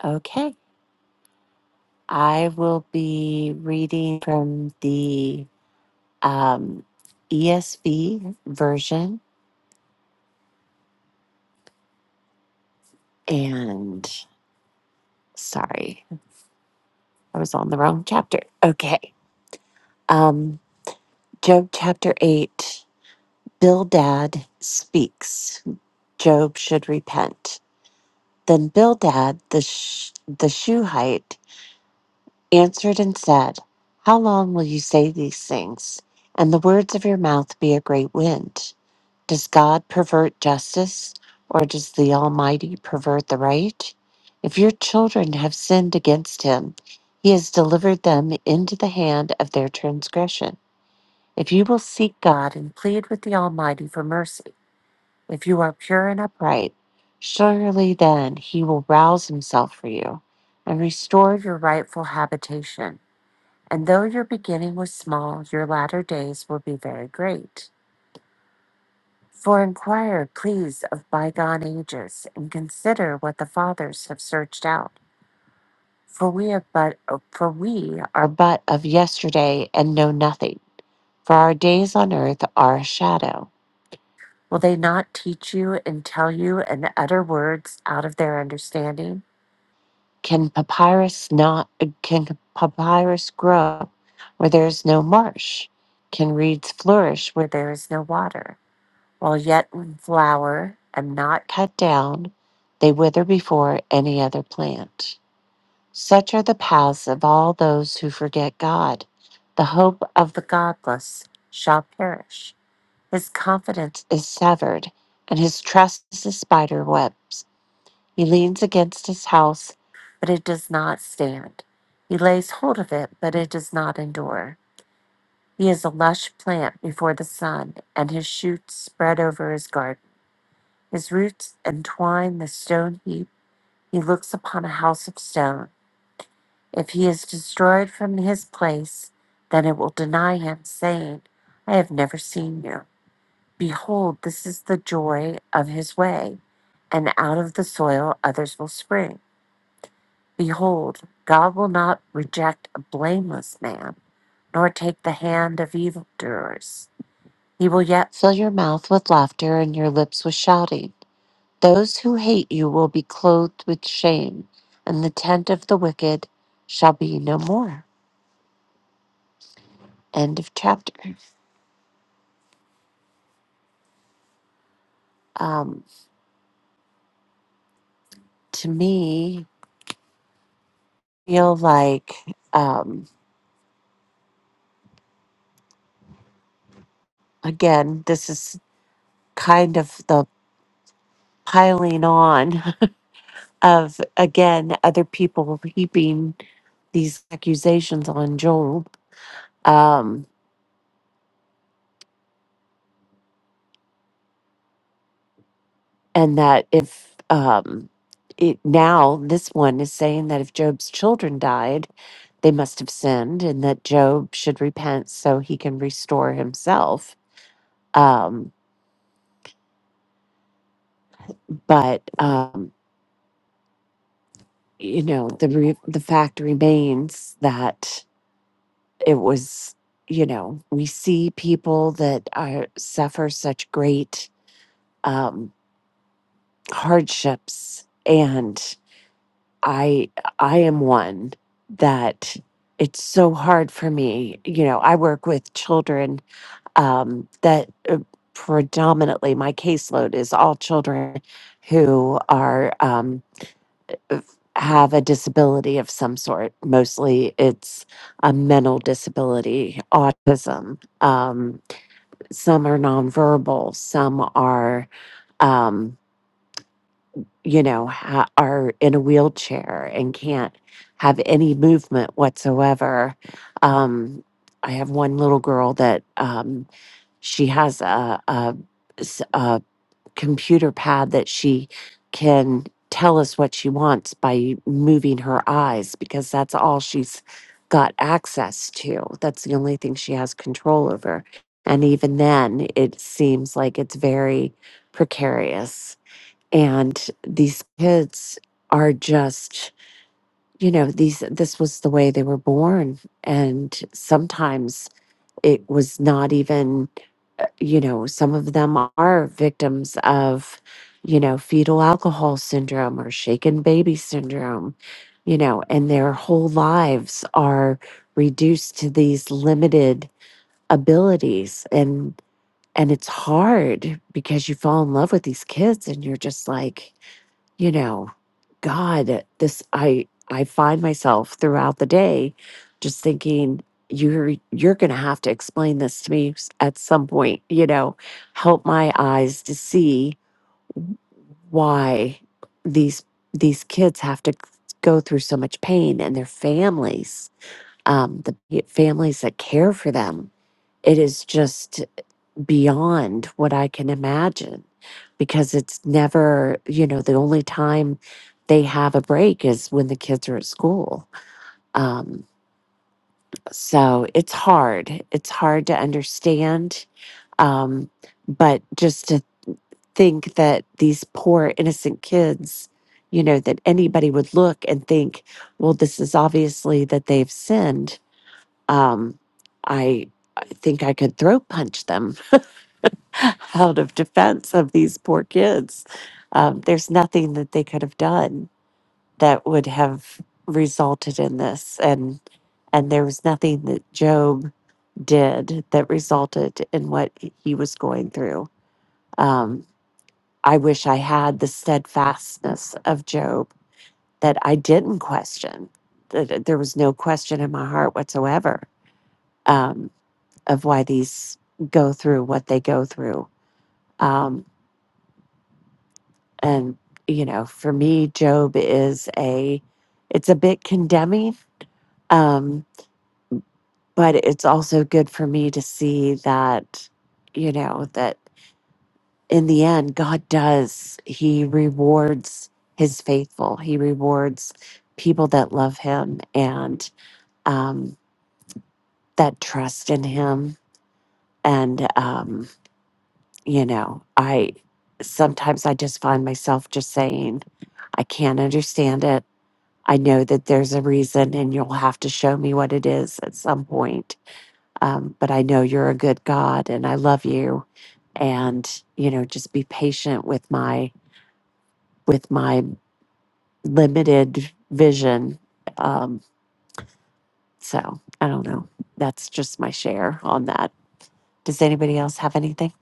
[SPEAKER 4] Okay. I will be reading from the um, ESV version. And sorry, I was on the wrong chapter. Okay. Um, Job chapter 8 Bildad speaks. Job should repent. Then Bildad the, Sh- the Shuhite answered and said, How long will you say these things, and the words of your mouth be a great wind? Does God pervert justice, or does the Almighty pervert the right? If your children have sinned against him, he has delivered them into the hand of their transgression. If you will seek God and plead with the Almighty for mercy, if you are pure and upright, surely then he will rouse himself for you and restore your rightful habitation. And though your beginning was small, your latter days will be very great. For inquire, please, of bygone ages, and consider what the fathers have searched out. For we have but for we are but of yesterday and know nothing. For our days on earth are a shadow. Will they not teach you and tell you and utter words out of their understanding? Can papyrus not can papyrus grow where there is no marsh? Can reeds flourish where there is no water? while yet in flower and not cut down, they wither before any other plant. Such are the paths of all those who forget God. The hope of the godless shall perish. His confidence is severed, and his trust is the spider webs. He leans against his house, but it does not stand. He lays hold of it, but it does not endure. He is a lush plant before the sun, and his shoots spread over his garden. His roots entwine the stone heap. He looks upon a house of stone. If he is destroyed from his place, then it will deny him, saying, I have never seen you. Behold, this is the joy of his way, and out of the soil others will spring. Behold, God will not reject a blameless man, nor take the hand of evildoers. He will yet fill your mouth with laughter and your lips with shouting. Those who hate you will be clothed with shame, and the tent of the wicked shall be no more. End of chapter. Um, to me, feel like um, again, this is kind of the piling on of again other people heaping these accusations on Job. Um, and that if um it now this one is saying that if job's children died they must have sinned and that job should repent so he can restore himself um but um you know the re- the fact remains that it was you know we see people that are suffer such great um hardships I I am one that it's so hard for me. You know, I work with children um, that uh, predominantly my caseload is all children who are um, f- have a disability of some sort. Mostly, it's a mental disability, autism. Um, some are nonverbal. Some are. Um, you know, ha- are in a wheelchair and can't have any movement whatsoever. Um, I have one little girl that um, she has a, a s- a computer pad that she can tell us what she wants by moving her eyes because that's all she's got access to. That's the only thing she has control over. And even then, it seems like it's very precarious and these kids are just you know these this was the way they were born and sometimes it was not even uh, you know some of them are victims of you know fetal alcohol syndrome or shaken baby syndrome you know and their whole lives are reduced to these limited abilities and and it's hard because you fall in love with these kids and you're just like you know, God, this I I find myself throughout the day just thinking you're you're going to have to explain this to me s- at some point, you know, help my eyes to see why these these kids have to go through so much pain and their families um the families that care for them it is just beyond what I can imagine because it's never, you know, the only time they have a break is when the kids are at school. Um, so it's hard. It's hard to understand. Um, but just to think that these poor innocent kids, you know, that anybody would look and think, well, this is obviously that they've sinned. Um, I, I think I could throat punch them out of defense of these poor kids. Um, there's nothing that they could have done that would have resulted in this, and and there was nothing that Job did that resulted in what he was going through. Um, I wish I had the steadfastness of Job that I didn't question. That there was no question in my heart whatsoever um, of why these go through what they go through. Um, and you know for me job is a it's a bit condemning um but it's also good for me to see that you know that in the end god does he rewards his faithful he rewards people that love him and um that trust in him and um you know i sometimes i just find myself just saying i can't understand it I know that there's a reason, and you'll have to show me what it is at some point. Um, but I know you're a good God, and I love you. And you know, just be patient with my with my limited vision. Um, so I don't know. That's just my share on that. Does anybody else have anything?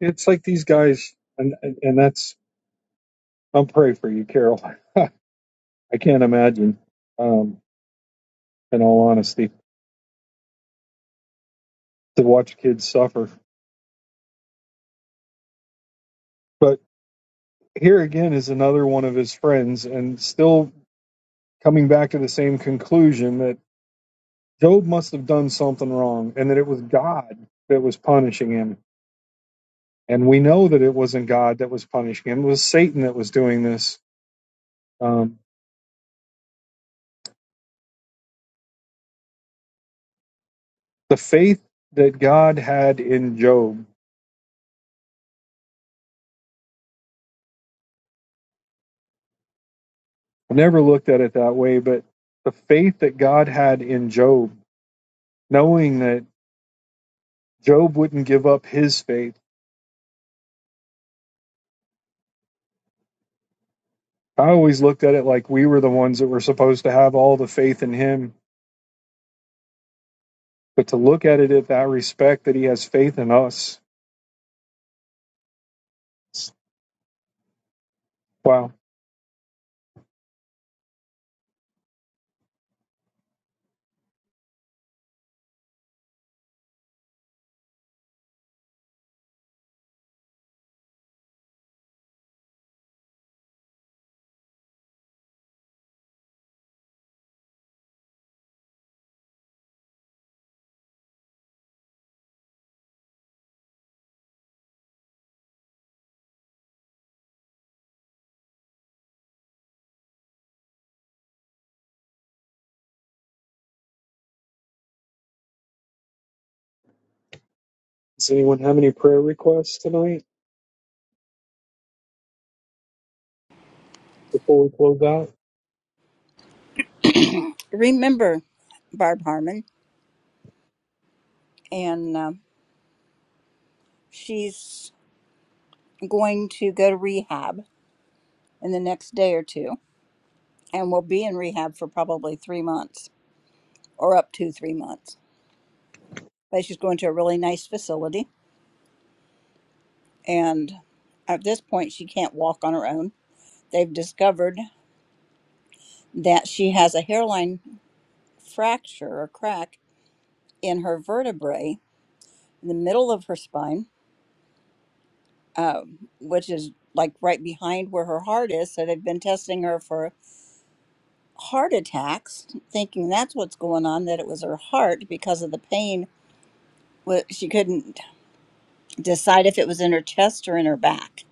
[SPEAKER 2] It's like these guys, and and, and that's. I'm praying for you, Carol. I can't imagine, um, in all honesty, to watch kids suffer. But here again is another one of his friends, and still coming back to the same conclusion that Job must have done something wrong, and that it was God that was punishing him And we know that it wasn't God that was punishing him, it was Satan that was doing this. Um, the faith that God had in Job, I never looked at it that way, but the faith that God had in Job, knowing that Job wouldn't give up his faith. I always looked at it like we were the ones that were supposed to have all the faith in him. But to look at it at that respect that he has faith in us. Wow. Does anyone have any prayer requests tonight before we close out?
[SPEAKER 1] Remember, Barb Harmon, and um she's going to go to rehab in the next day or two, and will be in rehab for probably three months or up to three months. But she's going to a really nice facility, and at this point, she can't walk on her own. They've discovered that she has a hairline fracture or crack in her vertebrae in the middle of her spine, um, which is like right behind where her heart is. So they've been testing her for heart attacks, thinking that's what's going on, that it was her heart because of the pain. Wa- She couldn't decide if it was in her chest or in her back.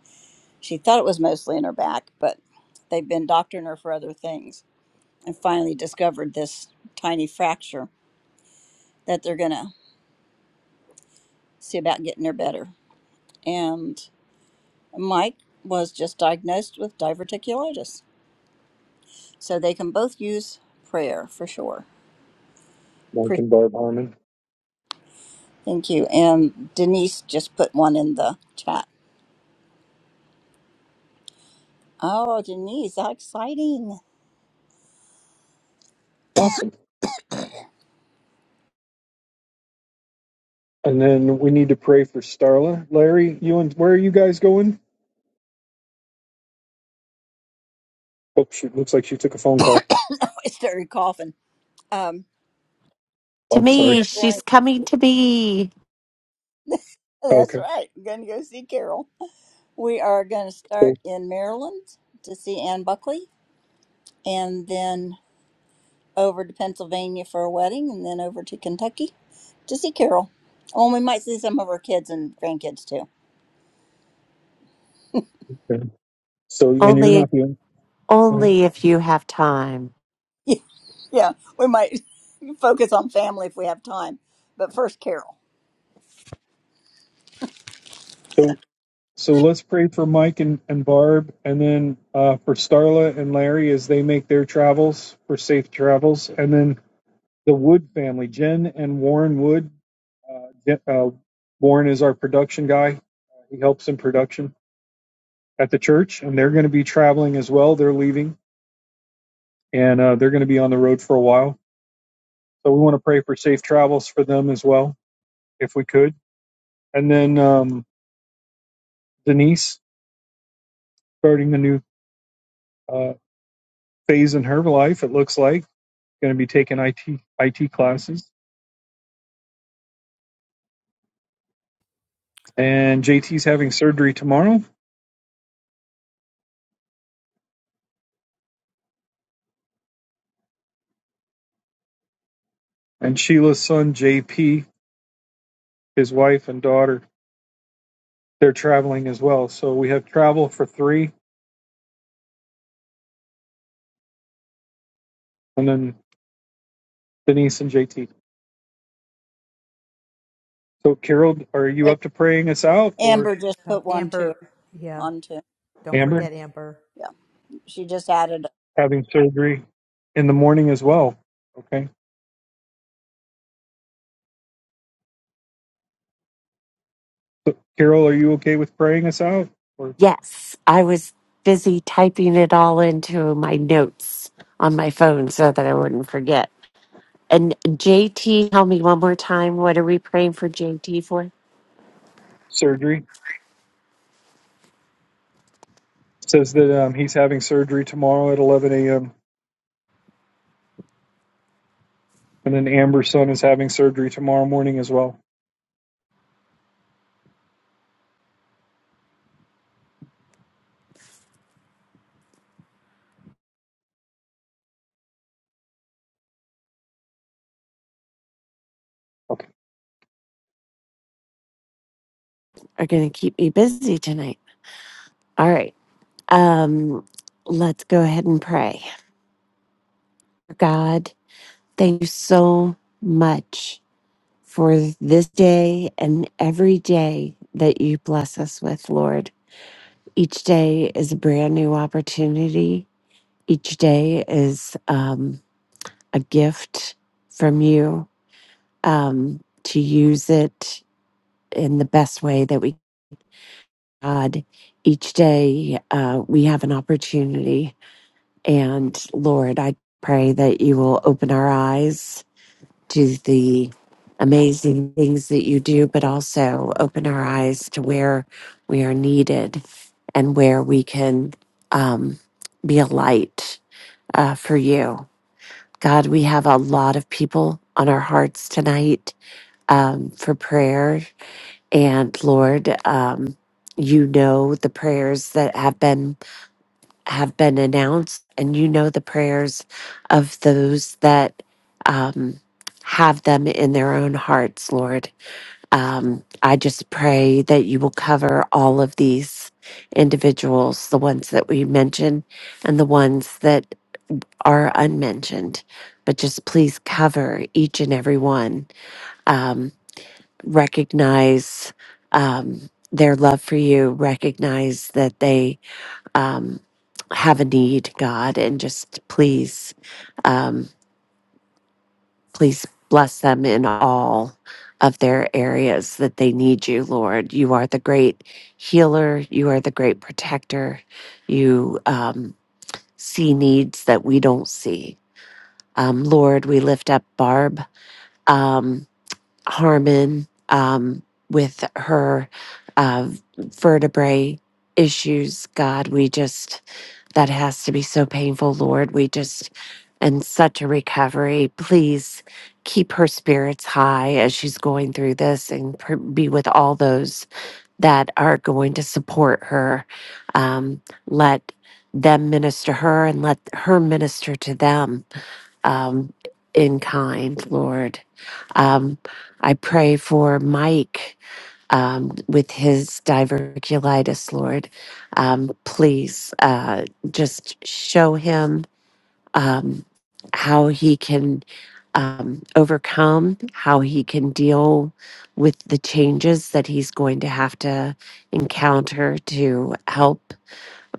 [SPEAKER 1] She thought it was mostly in her back, but they've been doctoring her for other things and finally discovered this tiny fracture that they're going to see about getting her better. And Mike was just diagnosed with diverticulitis. So they can both use prayer for sure.
[SPEAKER 2] Mike
[SPEAKER 1] Pre-
[SPEAKER 2] and Barb Harmon.
[SPEAKER 1] Thank you. And Denise just put one in the chat. Oh, Denise, how exciting.
[SPEAKER 2] Awesome. And then we need to pray for Starla. Larry, you and where are you guys going? Oh shoot, looks like she took a phone call.
[SPEAKER 1] I started coughing. Um,
[SPEAKER 2] Oh,
[SPEAKER 4] To
[SPEAKER 1] we
[SPEAKER 2] sorry.
[SPEAKER 4] me,
[SPEAKER 1] are
[SPEAKER 4] she's
[SPEAKER 1] going,
[SPEAKER 4] coming to me.
[SPEAKER 1] that's
[SPEAKER 2] Okay.
[SPEAKER 1] right. We're going to go see Carol. We are going to
[SPEAKER 2] So,
[SPEAKER 1] start in Maryland to see Ann Buckley and then over to Pennsylvania for a wedding and then over to Kentucky to see Carol. Oh, and we might see some of her kids and grandkids too.
[SPEAKER 2] okay. so and you're
[SPEAKER 4] Only,
[SPEAKER 2] not the Go ahead.
[SPEAKER 4] only if you have time.
[SPEAKER 1] Yeah, we might focus on family if we have time. But first, Carol.
[SPEAKER 2] So so let's pray for Mike and, and Barb and then uh, for Starla and Larry as they make their travels for safe travels. And then the Wood family, Jen and Warren Wood. Uh, Jen- uh, Warren is our production guy. He helps in production at the church, and they're going to be traveling as well. They're leaving. and uh, they're going to be on the road for a while. So we want to pray for safe travels for them as well, if we could. And then um, Denise starting a new uh, phase in her life. It looks like going to be taking IT IT classes. And JT's having surgery tomorrow. And Sheila's son JP, his wife and daughter, they're traveling as well. So we have travel for three, and then Denise and JT. So Carol, are you up to praying us out, or
[SPEAKER 1] Amber just
[SPEAKER 7] Um,
[SPEAKER 1] put one too
[SPEAKER 7] Amber, yeah,
[SPEAKER 1] on two.
[SPEAKER 7] don't
[SPEAKER 2] Amber?
[SPEAKER 7] forget Amber.
[SPEAKER 1] Yeah, she just added.
[SPEAKER 2] having surgery in the morning as well. Okay. So, Carol, are you okay with praying us out for
[SPEAKER 4] Yes, I was busy typing it all into my notes on my phone so that I wouldn't forget. And JT, tell me one more time, what are we praying for JT for?
[SPEAKER 2] surgery? It Says that um, he's having surgery tomorrow at 11 a.m. And then Amber's son is having surgery tomorrow morning as well. Okay.
[SPEAKER 4] Are going to keep me busy tonight. All right. Um, let's go ahead and pray. God, thank you so much for this day and every day that you bless us with, Lord. Each day is a brand new opportunity. Each day is, um, a gift from you um, to use it in the best way that we God. Each day uh, we have an opportunity. And Lord, I pray that you will open our eyes to the amazing things that you do, but also open our eyes to where we are needed and where we can um, be a light uh, for you. God, we have a lot of people on our hearts tonight um, for prayer. And Lord, um, you know the prayers that have been have been announced, and you know the prayers of those that um, have them in their own hearts, Lord. Um, I just pray that you will cover all of these individuals, the ones that we mentioned and the ones that are unmentioned. But just please cover each and every one. Um, recognize um, their love for you, recognize that they um, have a need, God, and just please, um, please bless them in all of their areas that they need you, Lord. You are the great healer, you are the great protector, you um, see needs that we don't see. Um, Lord, we lift up Barb. Um, Harmon um, with her uh, vertebrae issues. God, we just, that has to be so painful, Lord. We just, and such a recovery. Please keep her spirits high as she's going through this and pr- be with all those that are going to support her. Um, let them minister her and let her minister to them um, in kind, Lord. Um, I pray for Mike um, with his diverticulitis, Lord. Um, please uh, just show him um, how he can um, overcome, how he can deal with the changes that he's going to have to encounter to help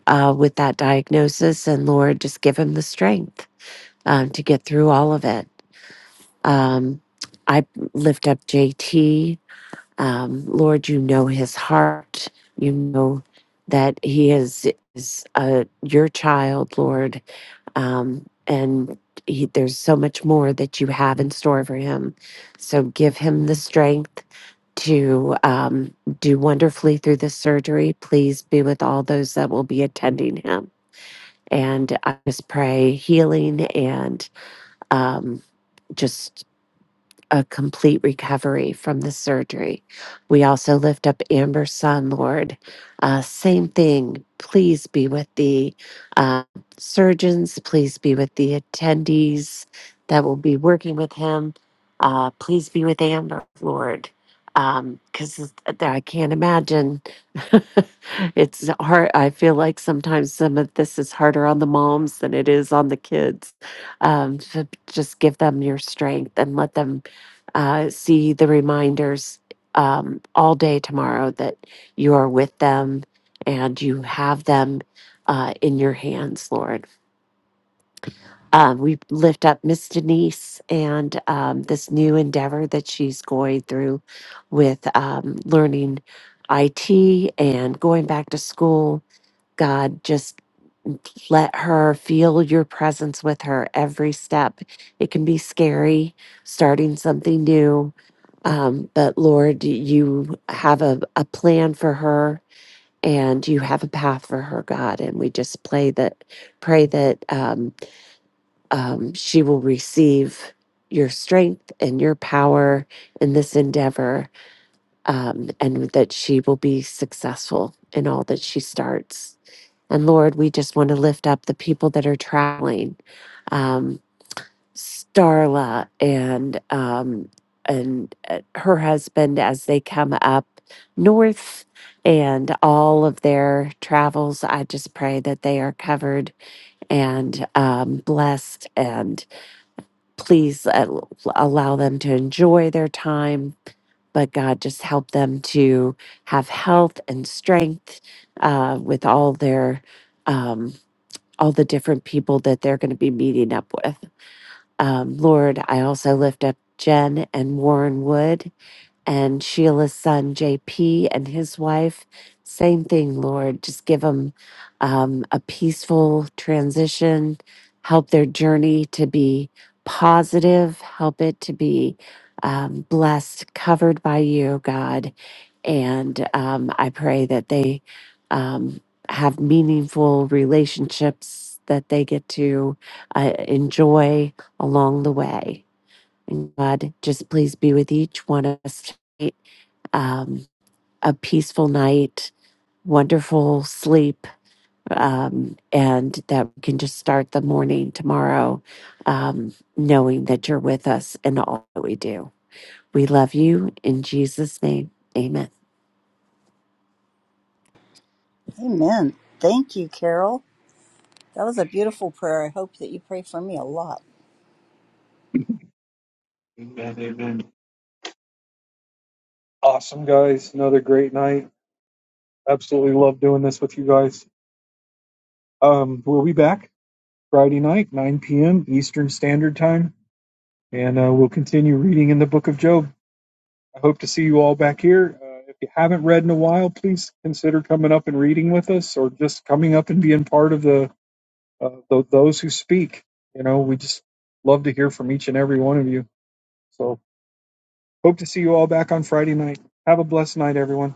[SPEAKER 4] uh, with that diagnosis. And Lord, just give him the strength um, to get through all of it. Um, I lift up JT um, Lord, you know his heart. You know that he is is uh, your child, Lord, um, and he, there's so much more that you have in store for him. So give him the strength to um, do wonderfully through this surgery. Please be with all those that will be attending him, and I just pray healing and um, just a complete recovery from the surgery. We also lift up Amber's son, Lord. Uh, same thing. Please be with the uh, surgeons. Please be with the attendees that will be working with him. Uh, please be with Amber, Lord. Because I can't imagine. it's hard. I feel like sometimes some of this is harder on the moms than it is on the kids um, to just give them your strength and let them uh, see the reminders um, all day tomorrow that you are with them and you have them uh, in your hands, Lord. Um, we lift up Miss Denise and um, this new endeavor that she's going through with um, learning IT and going back to school. God, just let her feel your presence with her every step. It can be scary starting something new, um, but Lord, you have a, a plan for her and you have a path for her, God. And we just pray that, pray that um, um, she will receive your strength and your power in this endeavor um, and that she will be successful in all that she starts. And Lord, we just want to lift up the people that are traveling. Um, Starla and um, and uh, her husband as they come up north and all of their travels. I just pray that they are covered and um, blessed, and please uh, allow them to enjoy their time. But God, just help them to have health and strength uh, with all their um, all the different people that they're going to be meeting up with. Um, Lord, I also lift up Jen and Warren Wood and Sheila's son, JP, and his wife. Same thing, Lord. Just give them um, a peaceful transition, help their journey to be positive, help it to be um, blessed, covered by you, God. And um, I pray that they um, have meaningful relationships that they get to uh, enjoy along the way. And God, just please be with each one of us tonight. Um, a peaceful night, wonderful sleep, um, and that we can just start the morning tomorrow um, knowing that you're with us in all that we do. We love you in Jesus' name. Amen.
[SPEAKER 1] Amen. Thank you, Carol. That was a beautiful prayer. I hope that you pray for me a lot.
[SPEAKER 2] Amen. Amen. Awesome, guys. Another great night. Absolutely love doing this with you guys. Um, we'll be back Friday night, 9 p.m. Eastern Standard Time, and uh, we'll continue reading in the book of Job. I hope to see you all back here. Uh, if you haven't read in a while, please consider coming up and reading with us, or just coming up and being part of the, uh, the those who speak. You know, we just love to hear from each and every one of you. So, hope to see you all back on Friday night. Have a blessed night, everyone.